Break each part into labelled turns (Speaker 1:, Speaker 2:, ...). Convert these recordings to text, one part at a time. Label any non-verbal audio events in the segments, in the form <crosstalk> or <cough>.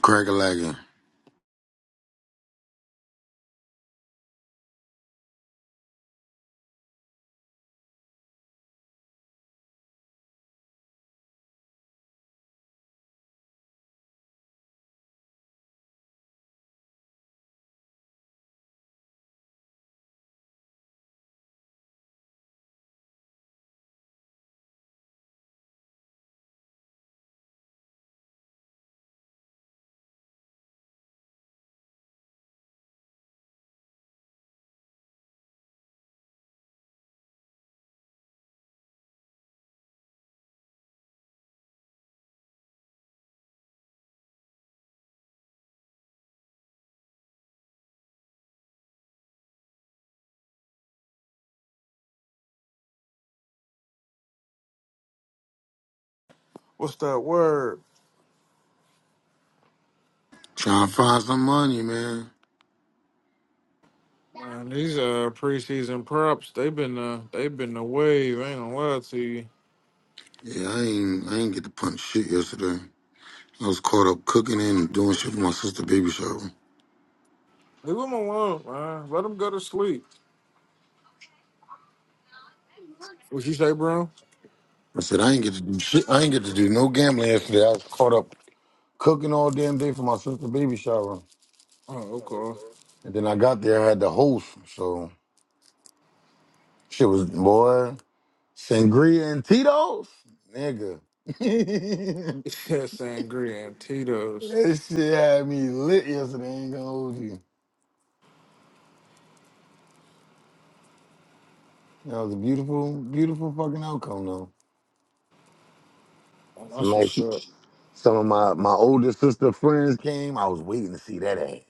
Speaker 1: Crack a lagging.
Speaker 2: What's that word?
Speaker 1: Trying to find some money, man.
Speaker 2: Man, these uh preseason props, they've been uh they've been the wave, I ain't gonna lie to you.
Speaker 1: Yeah, I ain't I ain't get to punch shit yesterday. I was caught up cooking and doing shit for my sister baby shower.
Speaker 2: Leave them alone, man. Let them go to sleep. What you say, bro?
Speaker 1: I said I ain't get to do shit. I ain't get to do no gambling yesterday. I was caught up cooking all damn day for my sister baby shower.
Speaker 2: Oh, okay.
Speaker 1: And then I got there, I had the host. So shit was boy. Sangria and Tito's? Nigga. <laughs>
Speaker 2: <laughs> Yeah, sangria and Tito's.
Speaker 1: that shit had me lit yesterday, ain't gonna hold you. That was a beautiful, beautiful fucking outcome though.
Speaker 2: Oh, that's
Speaker 1: Like
Speaker 2: what's up.
Speaker 1: some of my my older sister friends came. I was waiting to see that ad.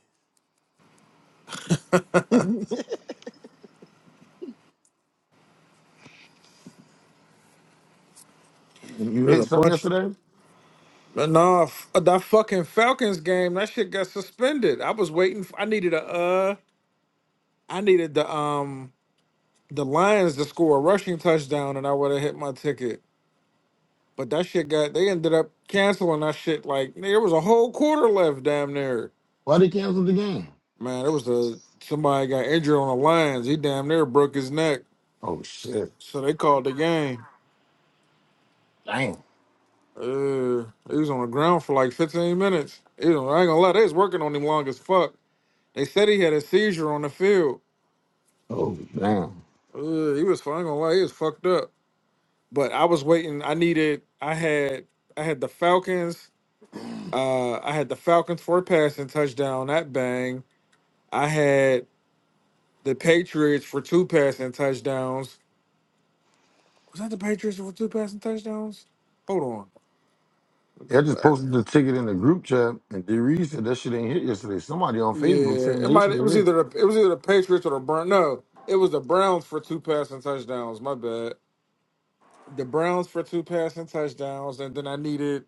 Speaker 1: You
Speaker 2: There's
Speaker 1: hit
Speaker 2: a
Speaker 1: something
Speaker 2: bunch.
Speaker 1: yesterday?
Speaker 2: But nah, f- uh, that fucking Falcons game, that shit got suspended. I was waiting. For, I needed a uh, I needed the um the Lions to score a rushing touchdown, and I would have hit my ticket. But that shit got they ended up canceling that shit. Like there was a whole quarter left, damn near.
Speaker 1: Why they canceled the game?
Speaker 2: Man, there was a somebody got injured on the Lions. He damn near broke his neck,
Speaker 1: Oh shit!
Speaker 2: so they called the game.
Speaker 1: Damn.
Speaker 2: Uh, he was on the ground for like 15 minutes. You know, I ain't gonna lie, they was working on him long as fuck. They said he had a seizure on the field.
Speaker 1: Oh damn.
Speaker 2: Uh, he was. I ain't gonna lie, he was fucked up. But I was waiting. I needed. I had. I had the Falcons. Uh, I had the Falcons for a passing touchdown. That bang. I had. the Patriots for two passing touchdowns. Was that the Patriots for two passing touchdowns? Hold on. Let me
Speaker 1: Yeah, I
Speaker 2: Go
Speaker 1: just
Speaker 2: back.
Speaker 1: posted the ticket in the group chat, and D Reed said that shit ain't hit yesterday. Somebody on Facebook saying
Speaker 2: Yeah, it
Speaker 1: they
Speaker 2: might. It
Speaker 1: should
Speaker 2: was
Speaker 1: hit.
Speaker 2: either the, it was either the Patriots or the Browns. No, it was the Browns for two passing touchdowns. My bad. The Browns for two passing touchdowns, and then I needed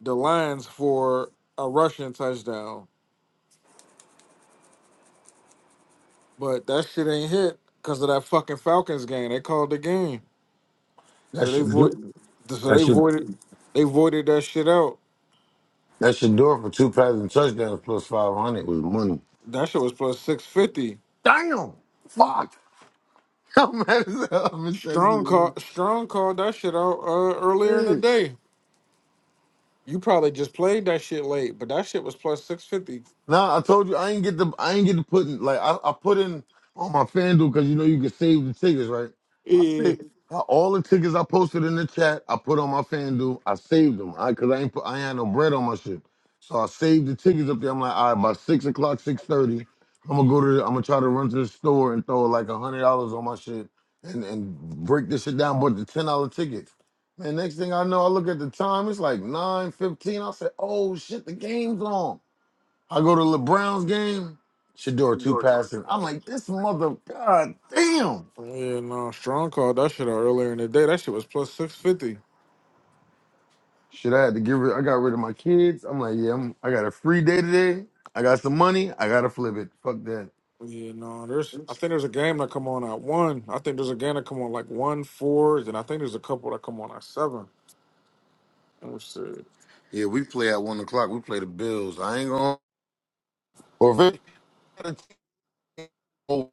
Speaker 2: the Lions for a rushing touchdown. But that shit ain't hit because of that fucking Falcons game. They called the game,
Speaker 1: That
Speaker 2: so they
Speaker 1: should do.
Speaker 2: void. So
Speaker 1: That
Speaker 2: they
Speaker 1: should.
Speaker 2: voided. They voided that shit out.
Speaker 1: That should do it for two passing touchdowns plus five hundred was money.
Speaker 2: That shit was plus six fifty.
Speaker 1: Damn. Fuck. <laughs> I'm mad as hell. I missed
Speaker 2: Strong call
Speaker 1: that.
Speaker 2: Strong called that shit out uh, earlier in the day. You probably just played that shit late, but that shit was plus six fifty.
Speaker 1: Nah, I told you I ain't get the I ain't get to put in like I, I put in on my FanDuel because you know you can save the tickets, right? I
Speaker 2: Yeah.
Speaker 1: saved I- all the tickets I posted in the chat. I put on my FanDuel. I saved them I because I ain't put I ain't had no bread on my shit, so I saved the tickets up there. I'm like, all right, by six o'clock, six thirty, I'm gonna go to the, I'm gonna try to run to the store and throw like a hundred dollars on my shit and and break this shit down. But the ten dollar tickets. Man, next thing I know, I look at the time. It's like nine fifteen. I said, "Oh shit, the game's on." I go to LeBron's game, Shador two
Speaker 2: George.
Speaker 1: passing. I'm like, this mother, god damn.
Speaker 2: Yeah, no, Strong called that shit out earlier in the day. That shit was plus six fifty.
Speaker 1: Shit, I had to give rid. I got rid of my kids. I'm like, yeah, I'm, I got a free day today. I got some money. I gotta flip it. Fuck that.
Speaker 2: Yeah, no, there's I think there's a game that come on at one. I think there's a game that come on like one fours, and I think there's a couple that come on at seven. Let me see.
Speaker 1: Yeah, we play at one o'clock. We play the Bills. I ain't gonna. Or if it, <laughs> oh,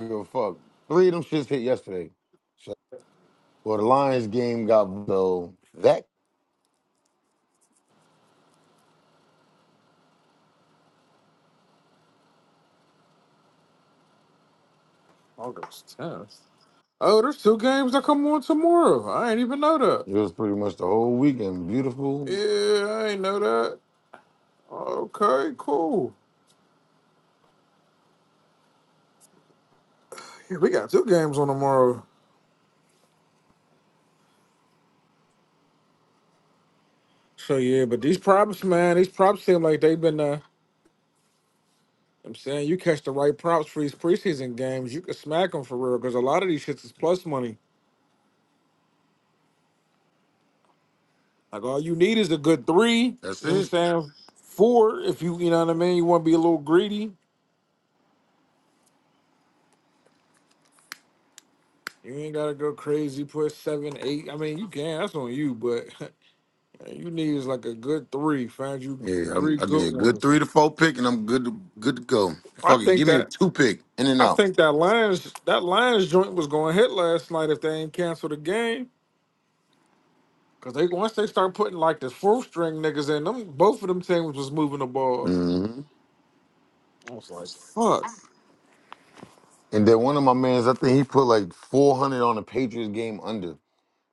Speaker 1: give a fuck. Three of them shits hit yesterday. So, well, the Lions game got so that
Speaker 2: August tenth. Oh, there's two games that come on tomorrow. I ain't even know that.
Speaker 1: it was pretty much the whole weekend. Beautiful.
Speaker 2: Yeah, I ain't know that. Okay, cool. Yeah, we got two games on tomorrow. So yeah, but these props, man, these props seem like they've been. Uh, I'm saying you catch the right props for these preseason games, you can smack them for real. Because a lot of these shits is plus money. Like all you need is a good three. You know
Speaker 1: That's
Speaker 2: what I'm
Speaker 1: it.
Speaker 2: saying four. If you you know what I mean, you want to be a little greedy. You ain't gotta go crazy. Put seven, eight. I mean, you can. That's on you. But <laughs> you need is like a good three. Find you
Speaker 1: Yeah, I'm,
Speaker 2: three
Speaker 1: I need a
Speaker 2: good
Speaker 1: good
Speaker 2: ones.
Speaker 1: three to four pick, and I'm good to good to go.
Speaker 2: I
Speaker 1: Fuck it,
Speaker 2: think
Speaker 1: give me a
Speaker 2: that
Speaker 1: two pick, in and
Speaker 2: I
Speaker 1: out.
Speaker 2: think that Lions that Lions joint was going to hit last night if they ain't canceled the game. Cause they once they start putting like the fourth string niggas in them, both of them teams was moving the ball.
Speaker 1: hmm
Speaker 2: I was like, fuck.
Speaker 1: And then one of my mans, I think he put like 400 on the Patriots game under.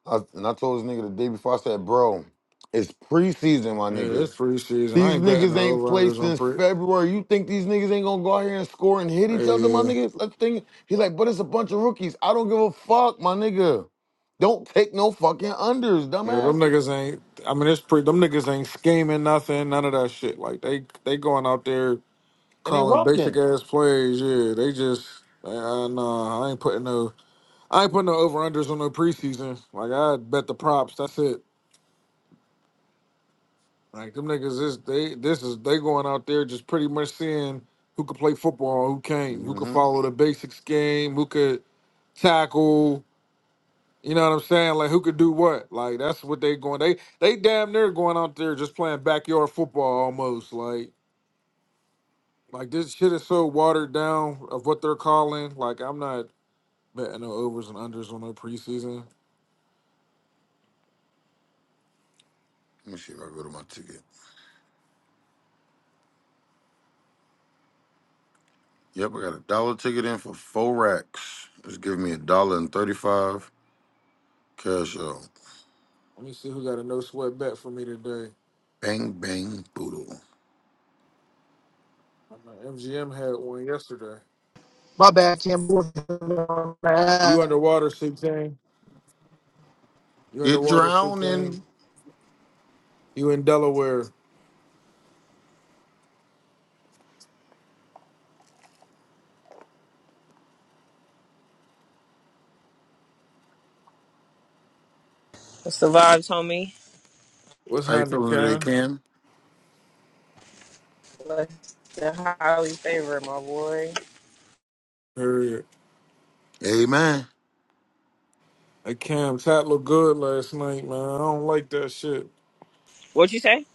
Speaker 1: I, and I told this nigga the day before, I said, bro, it's preseason, my
Speaker 2: Yeah,
Speaker 1: nigga.
Speaker 2: it's preseason. I
Speaker 1: These
Speaker 2: ain't betting
Speaker 1: niggas
Speaker 2: the
Speaker 1: ain't played
Speaker 2: over-unders on
Speaker 1: since
Speaker 2: pre.
Speaker 1: February. You think these niggas ain't gonna go out here and score and hit each other, my
Speaker 2: Yeah.
Speaker 1: nigga? Let's think. He like, but it's a bunch of rookies. I don't give a fuck, my nigga. Don't take no fucking unders,
Speaker 2: Yeah, them
Speaker 1: dumbass.
Speaker 2: niggas ain't. I mean, it's pre. Them niggas ain't scheming nothing. None of that shit. Like they, they going out there
Speaker 1: And they
Speaker 2: calling basic
Speaker 1: rocking.
Speaker 2: ass plays. Yeah, they just. Uh, nah, I ain't putting no. I ain't putting no over unders on no preseason. Like I bet the props. That's it. Like them niggas is they this is they going out there just pretty much seeing who could play football, who can't, who could follow the basics game, who could tackle, you know what I'm saying? Like who could do what? Like that's what they going they they damn near going out there just playing backyard football almost. Like like this shit is so watered down of what they're calling. Like I'm not betting no overs and unders on no preseason.
Speaker 1: Let me see if I go to my ticket. Yep, I got a dollar ticket in for four racks. It's giving me a dollar and thirty-five cash out.
Speaker 2: Let me see who got a no sweat bet for me today.
Speaker 1: Bang bang boodle.
Speaker 2: I know MGM had one yesterday.
Speaker 3: My bad, Cam. Got
Speaker 2: You underwater, 16? You in
Speaker 1: You're
Speaker 2: the water, Supreme?
Speaker 1: drowning.
Speaker 2: You in Delaware?
Speaker 4: What's the vibes, homie?
Speaker 2: What's
Speaker 1: How you
Speaker 2: happening,
Speaker 1: feeling today,
Speaker 2: Cam?
Speaker 1: Cam?
Speaker 4: What's the highly favorite, my boy?
Speaker 2: Period.
Speaker 1: Amen.
Speaker 2: Hey, Cam, Tat looked good last night, man. I don't like that shit.
Speaker 4: What you say?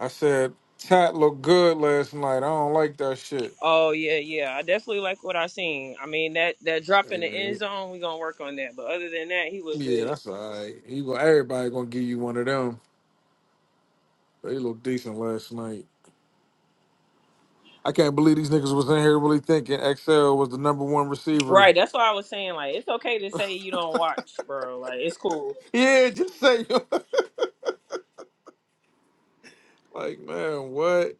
Speaker 2: I said Tat looked good last night. I don't like that shit.
Speaker 4: Oh yeah, yeah. I definitely like what I seen. I mean that that drop in the end
Speaker 2: Alright.
Speaker 4: zone, we gonna work on that. But other than that, he was
Speaker 2: Yeah,
Speaker 4: good.
Speaker 2: that's alright. You go. Everybody gonna give you one of them. They looked decent last night. I can't believe these niggas was in here really thinking XL was the number one receiver.
Speaker 4: Right.
Speaker 2: <laughs>
Speaker 4: That's why I was saying like it's okay to say you don't watch, bro. Like it's cool.
Speaker 2: Yeah, just say <laughs> like, man, what?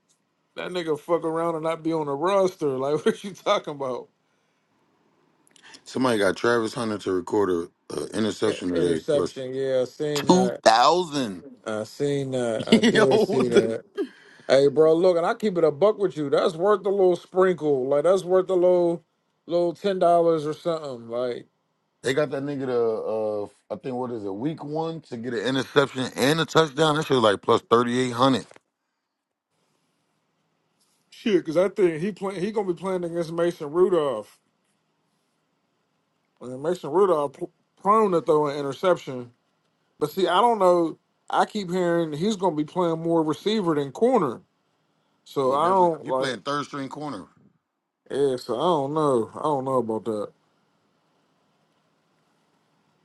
Speaker 2: That nigga fuck around and not be on the roster. Like, <laughs> what you talking about?
Speaker 1: Somebody got Travis Hunter to record a, a
Speaker 2: I-
Speaker 1: interception today plus
Speaker 2: Interception, yeah, I seen
Speaker 1: two
Speaker 2: that.
Speaker 1: thousand.
Speaker 2: I seen
Speaker 1: <laughs>
Speaker 2: that. I
Speaker 1: Yo,
Speaker 2: did see
Speaker 1: what the?
Speaker 2: that. Hey, bro, look, and I keep it a buck with you. That's worth a little sprinkle. Like that's worth a little, little ten dollars or something. Like
Speaker 1: They got that nigga to uh, I think what is it, week one to get an interception and a touchdown. That shit was like plus thirty eight hundred.
Speaker 2: shit, because I think he play, he gonna be playing against Mason Rudolph. And Mason Rudolph pr- prone to throw an interception. But see, I don't know. I keep hearing he's gonna be playing more receiver than corner. So
Speaker 1: He
Speaker 2: I
Speaker 1: definitely
Speaker 2: don't
Speaker 1: he playing
Speaker 2: like.
Speaker 1: third string corner.
Speaker 2: Yeah, so I don't know. I don't know about that.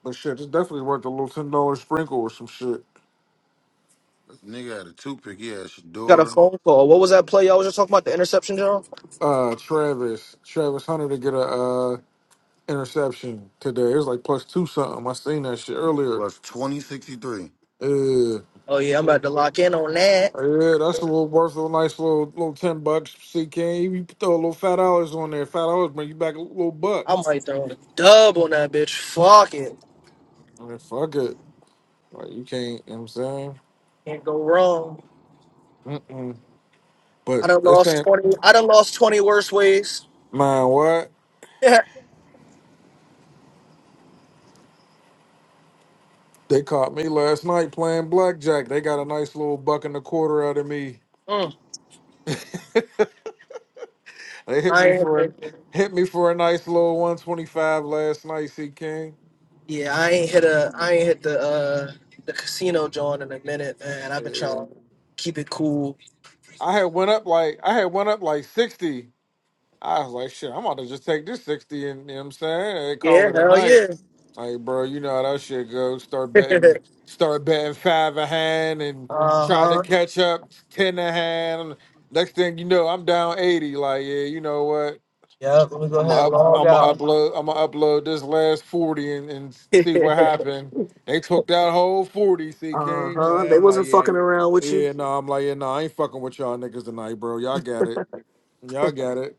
Speaker 2: But shit, it's definitely worth a little ten dollar sprinkle or some shit.
Speaker 1: This nigga had a toothpick. He had
Speaker 3: a
Speaker 1: Shador
Speaker 3: phone call. What was that play y'all was just talking about? The interception, John?
Speaker 2: Uh, Travis, Travis Hunter to get a uh interception today. It was like plus two something. I seen that shit earlier.
Speaker 1: plus 2063.
Speaker 2: Yeah. Uh,
Speaker 3: Oh, yeah, I'm about to lock in on that.
Speaker 2: yeah, that's a little worth a nice little little ten bucks. CK, you can throw a little fat dollars on there. Fat dollars bring you back a little buck.
Speaker 3: I might throw a dub on that bitch. Fuck it.
Speaker 2: I mean, fuck it. Like you can't. You know what I'm saying.
Speaker 3: Can't go wrong.
Speaker 2: Mm-mm.
Speaker 3: I
Speaker 2: But
Speaker 3: done
Speaker 2: it's
Speaker 3: lost
Speaker 2: ain't
Speaker 3: 20. I done lost 20 worse ways. <laughs>
Speaker 2: man. What
Speaker 3: Yeah.
Speaker 2: they caught me last night playing blackjack. They got a nice little buck and a quarter out of me.
Speaker 3: Mm.
Speaker 2: They hit
Speaker 3: I
Speaker 2: me
Speaker 3: ain't
Speaker 2: for a
Speaker 3: hit-
Speaker 2: hit me for a nice little 125 last night, C King.
Speaker 3: yeah, I ain't hit a I ain't hit the uh the casino John in a minute, man. I've been
Speaker 2: Yeah.
Speaker 3: trying to keep it cool.
Speaker 2: I had went up like I had went up like 60. I was like, shit, I'm about to just take this 60 and you know what I'm saying? And call
Speaker 3: Yeah,
Speaker 2: it a
Speaker 3: hell
Speaker 2: night.
Speaker 3: yeah.
Speaker 2: Like, bro, you know how that shit goes. Start
Speaker 3: <laughs>
Speaker 2: betting start betting five a hand and
Speaker 3: uh
Speaker 2: try to
Speaker 3: huh.
Speaker 2: catch up ten a hand. Next thing you know, I'm down 80. Like, yeah, you know what?
Speaker 3: Yep, let me go
Speaker 2: I'm
Speaker 3: ahead
Speaker 2: gonna
Speaker 3: and
Speaker 2: up,
Speaker 3: log
Speaker 2: I'm gonna
Speaker 3: out.
Speaker 2: upload I'm gonna upload this last 40 and, and see
Speaker 3: <laughs>
Speaker 2: what happened. They took that whole 40, see
Speaker 3: Uh
Speaker 2: King.
Speaker 3: huh.
Speaker 2: Like,
Speaker 3: They
Speaker 2: I'm like,
Speaker 3: wasn't
Speaker 2: yeah,
Speaker 3: fucking around with you.
Speaker 2: yeah, no, I'm like, yeah, no, I ain't fucking with y'all niggas tonight, bro. Y'all got it. Y'all got it.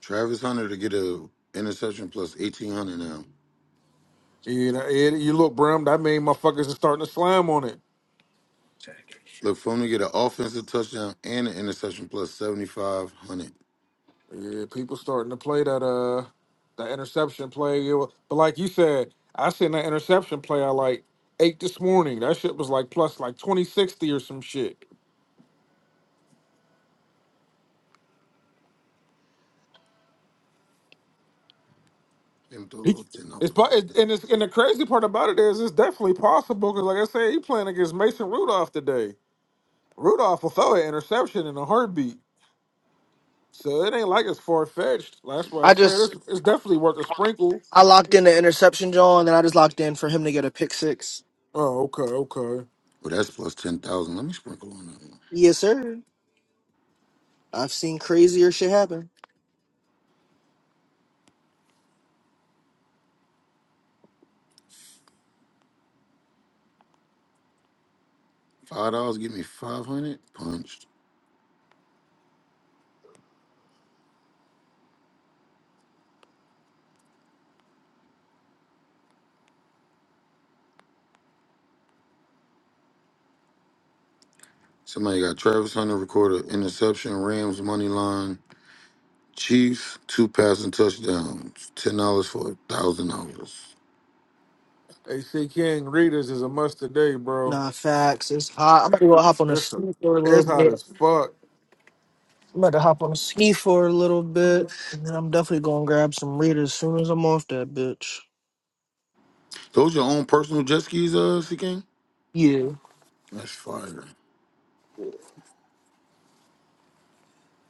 Speaker 1: Travis Hunter to get a interception plus 1800 now.
Speaker 2: You know, it, you look, Brim, that mean motherfuckers is starting to slam on it.
Speaker 1: Look for him to get an offensive touchdown and an interception plus 7500.
Speaker 2: Yeah, people starting to play that uh that interception play. It wa- But like you said, I seen that interception play I like eight this morning. That shit was like plus like 2060 or some shit.
Speaker 1: Him throw a
Speaker 2: He,
Speaker 1: little $10.
Speaker 2: it's po- it- and it's and the crazy part about it is it's definitely possible because like I said, he playing against Mason Rudolph today. Rudolph will throw an interception in a heartbeat, so it ain't like it's far fetched. That's why I
Speaker 3: I
Speaker 2: said
Speaker 3: just
Speaker 2: it's it's definitely worth a sprinkle.
Speaker 3: I locked in the interception, John, and then I just locked in for him to get a pick six.
Speaker 2: Oh, okay, okay.
Speaker 1: Well, that's plus 10,000. Let me sprinkle on that one.
Speaker 3: Yes, sir. I've seen crazier shit happen.
Speaker 1: $5 give me 500. Punched. Somebody got Travis Hunter recorded interception, Rams money line, Chiefs two passing touchdowns, $10 for $1,000.
Speaker 2: AC King Readers is a must today, bro.
Speaker 3: Nah, facts. It's hot. I'm about to go hop on the
Speaker 2: It's a,
Speaker 3: ski for a little
Speaker 2: it's hot
Speaker 3: bit.
Speaker 2: as fuck.
Speaker 3: I'm about to hop on the ski for a little bit, and then I'm definitely gonna grab some readers as soon as I'm off that bitch.
Speaker 1: Those your own personal jet skis, uh, C K?
Speaker 3: Yeah.
Speaker 1: That's fire.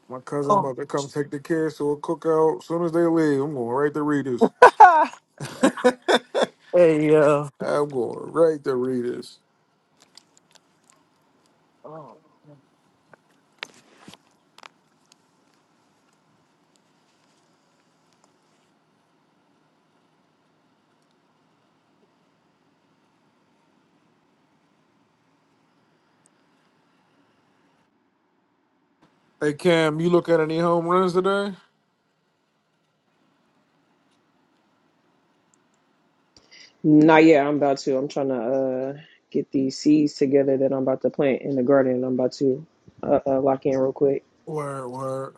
Speaker 2: My cousin
Speaker 3: Oh.
Speaker 2: about to come take the kids to a cookout. As soon as they leave, I'm going right to Readers.
Speaker 3: <laughs>
Speaker 2: <laughs> I'm
Speaker 3: hey, yo.
Speaker 2: going right to Readers.
Speaker 3: Oh.
Speaker 2: Hey Cam, you look at any home runs today?
Speaker 4: Nah, yeah, I'm about to. I'm trying to uh get these seeds together that I'm about to plant in the garden. I'm about to uh, uh lock in real quick.
Speaker 2: Where where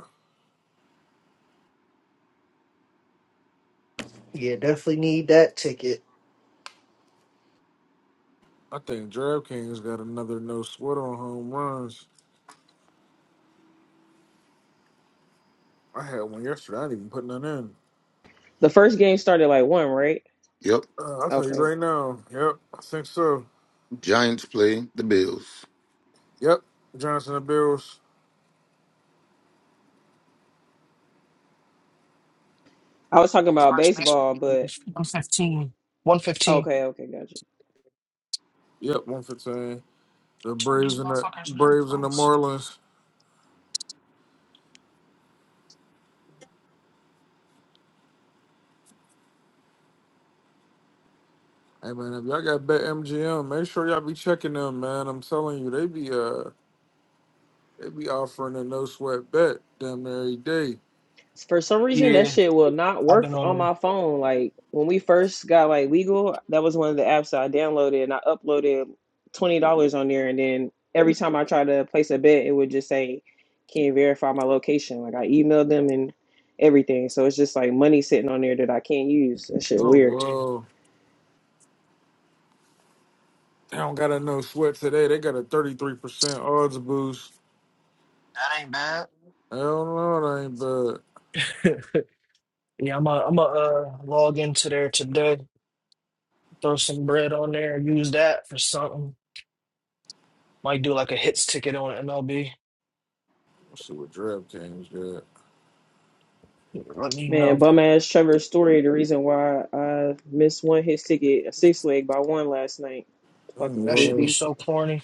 Speaker 3: Yeah, definitely need that ticket.
Speaker 2: I think DraftKings got another no sweat on home runs. I had one yesterday. I didn't even put none in.
Speaker 4: The first game started like one, right?
Speaker 1: Yep.
Speaker 2: Uh, I'll tell you
Speaker 4: Okay.
Speaker 2: right now. Yep, I think so.
Speaker 1: Giants play the Bills.
Speaker 2: Yep, Johnson and Bills.
Speaker 4: I was talking about
Speaker 3: First baseball
Speaker 4: baseball,
Speaker 3: game.
Speaker 4: but
Speaker 3: One fifteen. One fifteen.
Speaker 4: okay, okay, gotcha.
Speaker 2: Yep, one fifteen.
Speaker 3: I
Speaker 2: The
Speaker 3: told these
Speaker 2: Braves and the
Speaker 3: motherfuckers no
Speaker 2: Braves and the
Speaker 3: posts.
Speaker 2: Marlins. Hey man, if y'all got bet MGM, make sure y'all be checking them, man. I'm telling you, they be uh they be offering a no sweat bet damn near every day.
Speaker 4: For some reason, that
Speaker 3: Yeah,
Speaker 4: shit will not
Speaker 3: I've
Speaker 4: work
Speaker 3: been
Speaker 4: f-
Speaker 3: on
Speaker 4: on
Speaker 3: there.
Speaker 4: my phone. Like when we first got like legal, that was one of the apps that I downloaded and I uploaded twenty dollars on there, and then every time I tried to place a bet, it would just say, "Can't verify my location." Like I emailed them and everything, so it's just like money sitting on there that I can't use. That shit
Speaker 2: Oh
Speaker 4: weird.
Speaker 2: well, they don't got a no sweat today. They got a thirty three percent odds boost.
Speaker 3: That ain't bad.
Speaker 2: I don't know, it ain't bad.
Speaker 3: <laughs> Yeah, I'm a, I'm a uh, log into there today. Throw some bread on there. Use that for something. Might do like a hits ticket on MLB.
Speaker 2: Let's see what Drab Kings got.
Speaker 3: Let me
Speaker 4: Man,
Speaker 3: know.
Speaker 4: bum ass Trevor's story. The reason why I missed one his ticket, a six leg by one last night.
Speaker 2: Mm,
Speaker 4: Fucking
Speaker 3: That should be
Speaker 2: Well,
Speaker 4: goofy.
Speaker 3: so corny.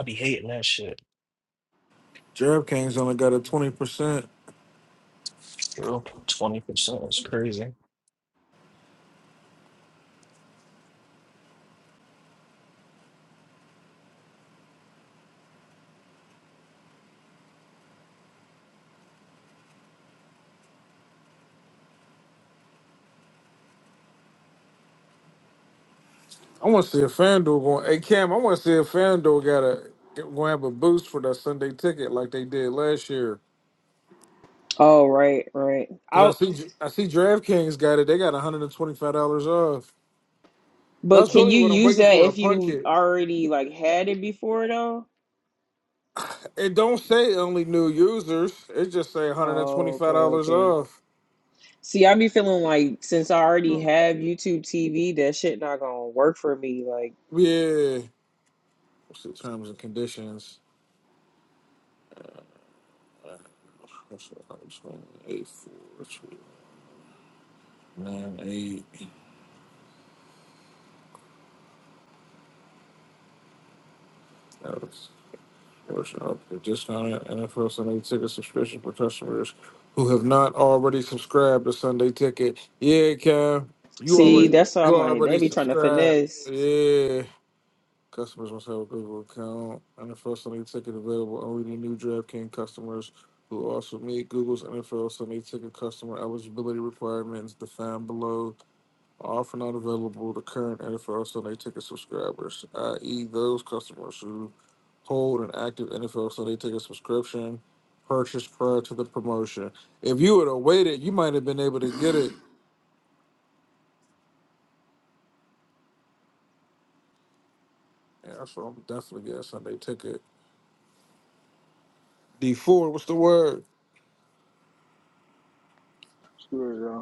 Speaker 3: I be hating that shit.
Speaker 2: Drab Kings only got a 20%.
Speaker 3: True, twenty percent is crazy.
Speaker 2: I want to see if FanDuel going, hey Cam, I want to see if FanDuel got a, going to have a boost for that Sunday ticket like they did last year.
Speaker 4: Oh right, right.
Speaker 2: Cause I
Speaker 4: Out.
Speaker 2: see, I see DraftKings got it. They got $125 off.
Speaker 4: But
Speaker 2: That's
Speaker 4: can
Speaker 2: really
Speaker 4: you
Speaker 2: what I'm
Speaker 4: use
Speaker 2: waiting
Speaker 4: that
Speaker 2: for to
Speaker 4: if
Speaker 2: punch
Speaker 4: you
Speaker 2: it.
Speaker 4: already like had it before though?
Speaker 2: It don't say only new users. It just say
Speaker 4: Oh, okay,
Speaker 2: $125
Speaker 4: okay.
Speaker 2: off.
Speaker 4: See, I be feeling like since I already have YouTube TV, that shit not gonna work for me. Like,
Speaker 2: Yeah. What's the terms and conditions? Question eight four two nine eight. Notice Portion of the discounted NFL Sunday ticket subscription for customers who have not already subscribed to Sunday ticket. Yeah, Cam, you
Speaker 4: see,
Speaker 2: already
Speaker 4: that's why
Speaker 2: you
Speaker 4: I'm like they
Speaker 2: already
Speaker 4: be trying to
Speaker 2: subscribed.
Speaker 4: finesse.
Speaker 2: Yeah. Customers must have a Google account. NFL Sunday ticket available only to new DraftKings customers who also meet Google's NFL Sunday ticket customer eligibility requirements defined below. are Often not available to current NFL Sunday ticket subscribers, i.e., those customers who hold an active NFL Sunday ticket subscription purchased prior to the promotion. If you would have waited, you might have been able to get it. Yeah, so I'm definitely getting Sunday ticket. D4, what's the word?
Speaker 5: Sure.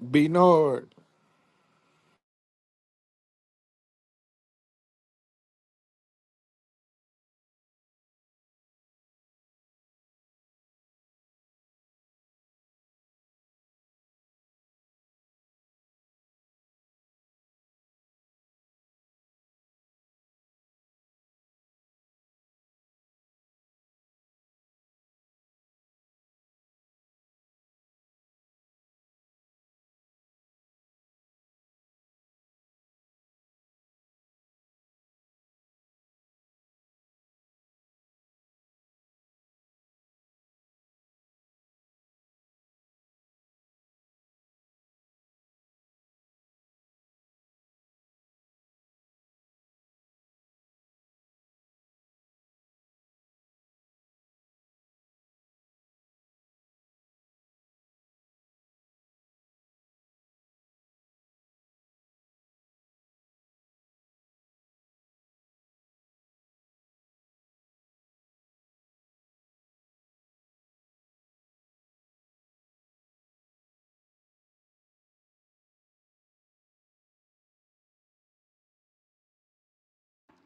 Speaker 2: Bernard.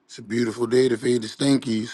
Speaker 1: It's a beautiful day to fade the Stinkies.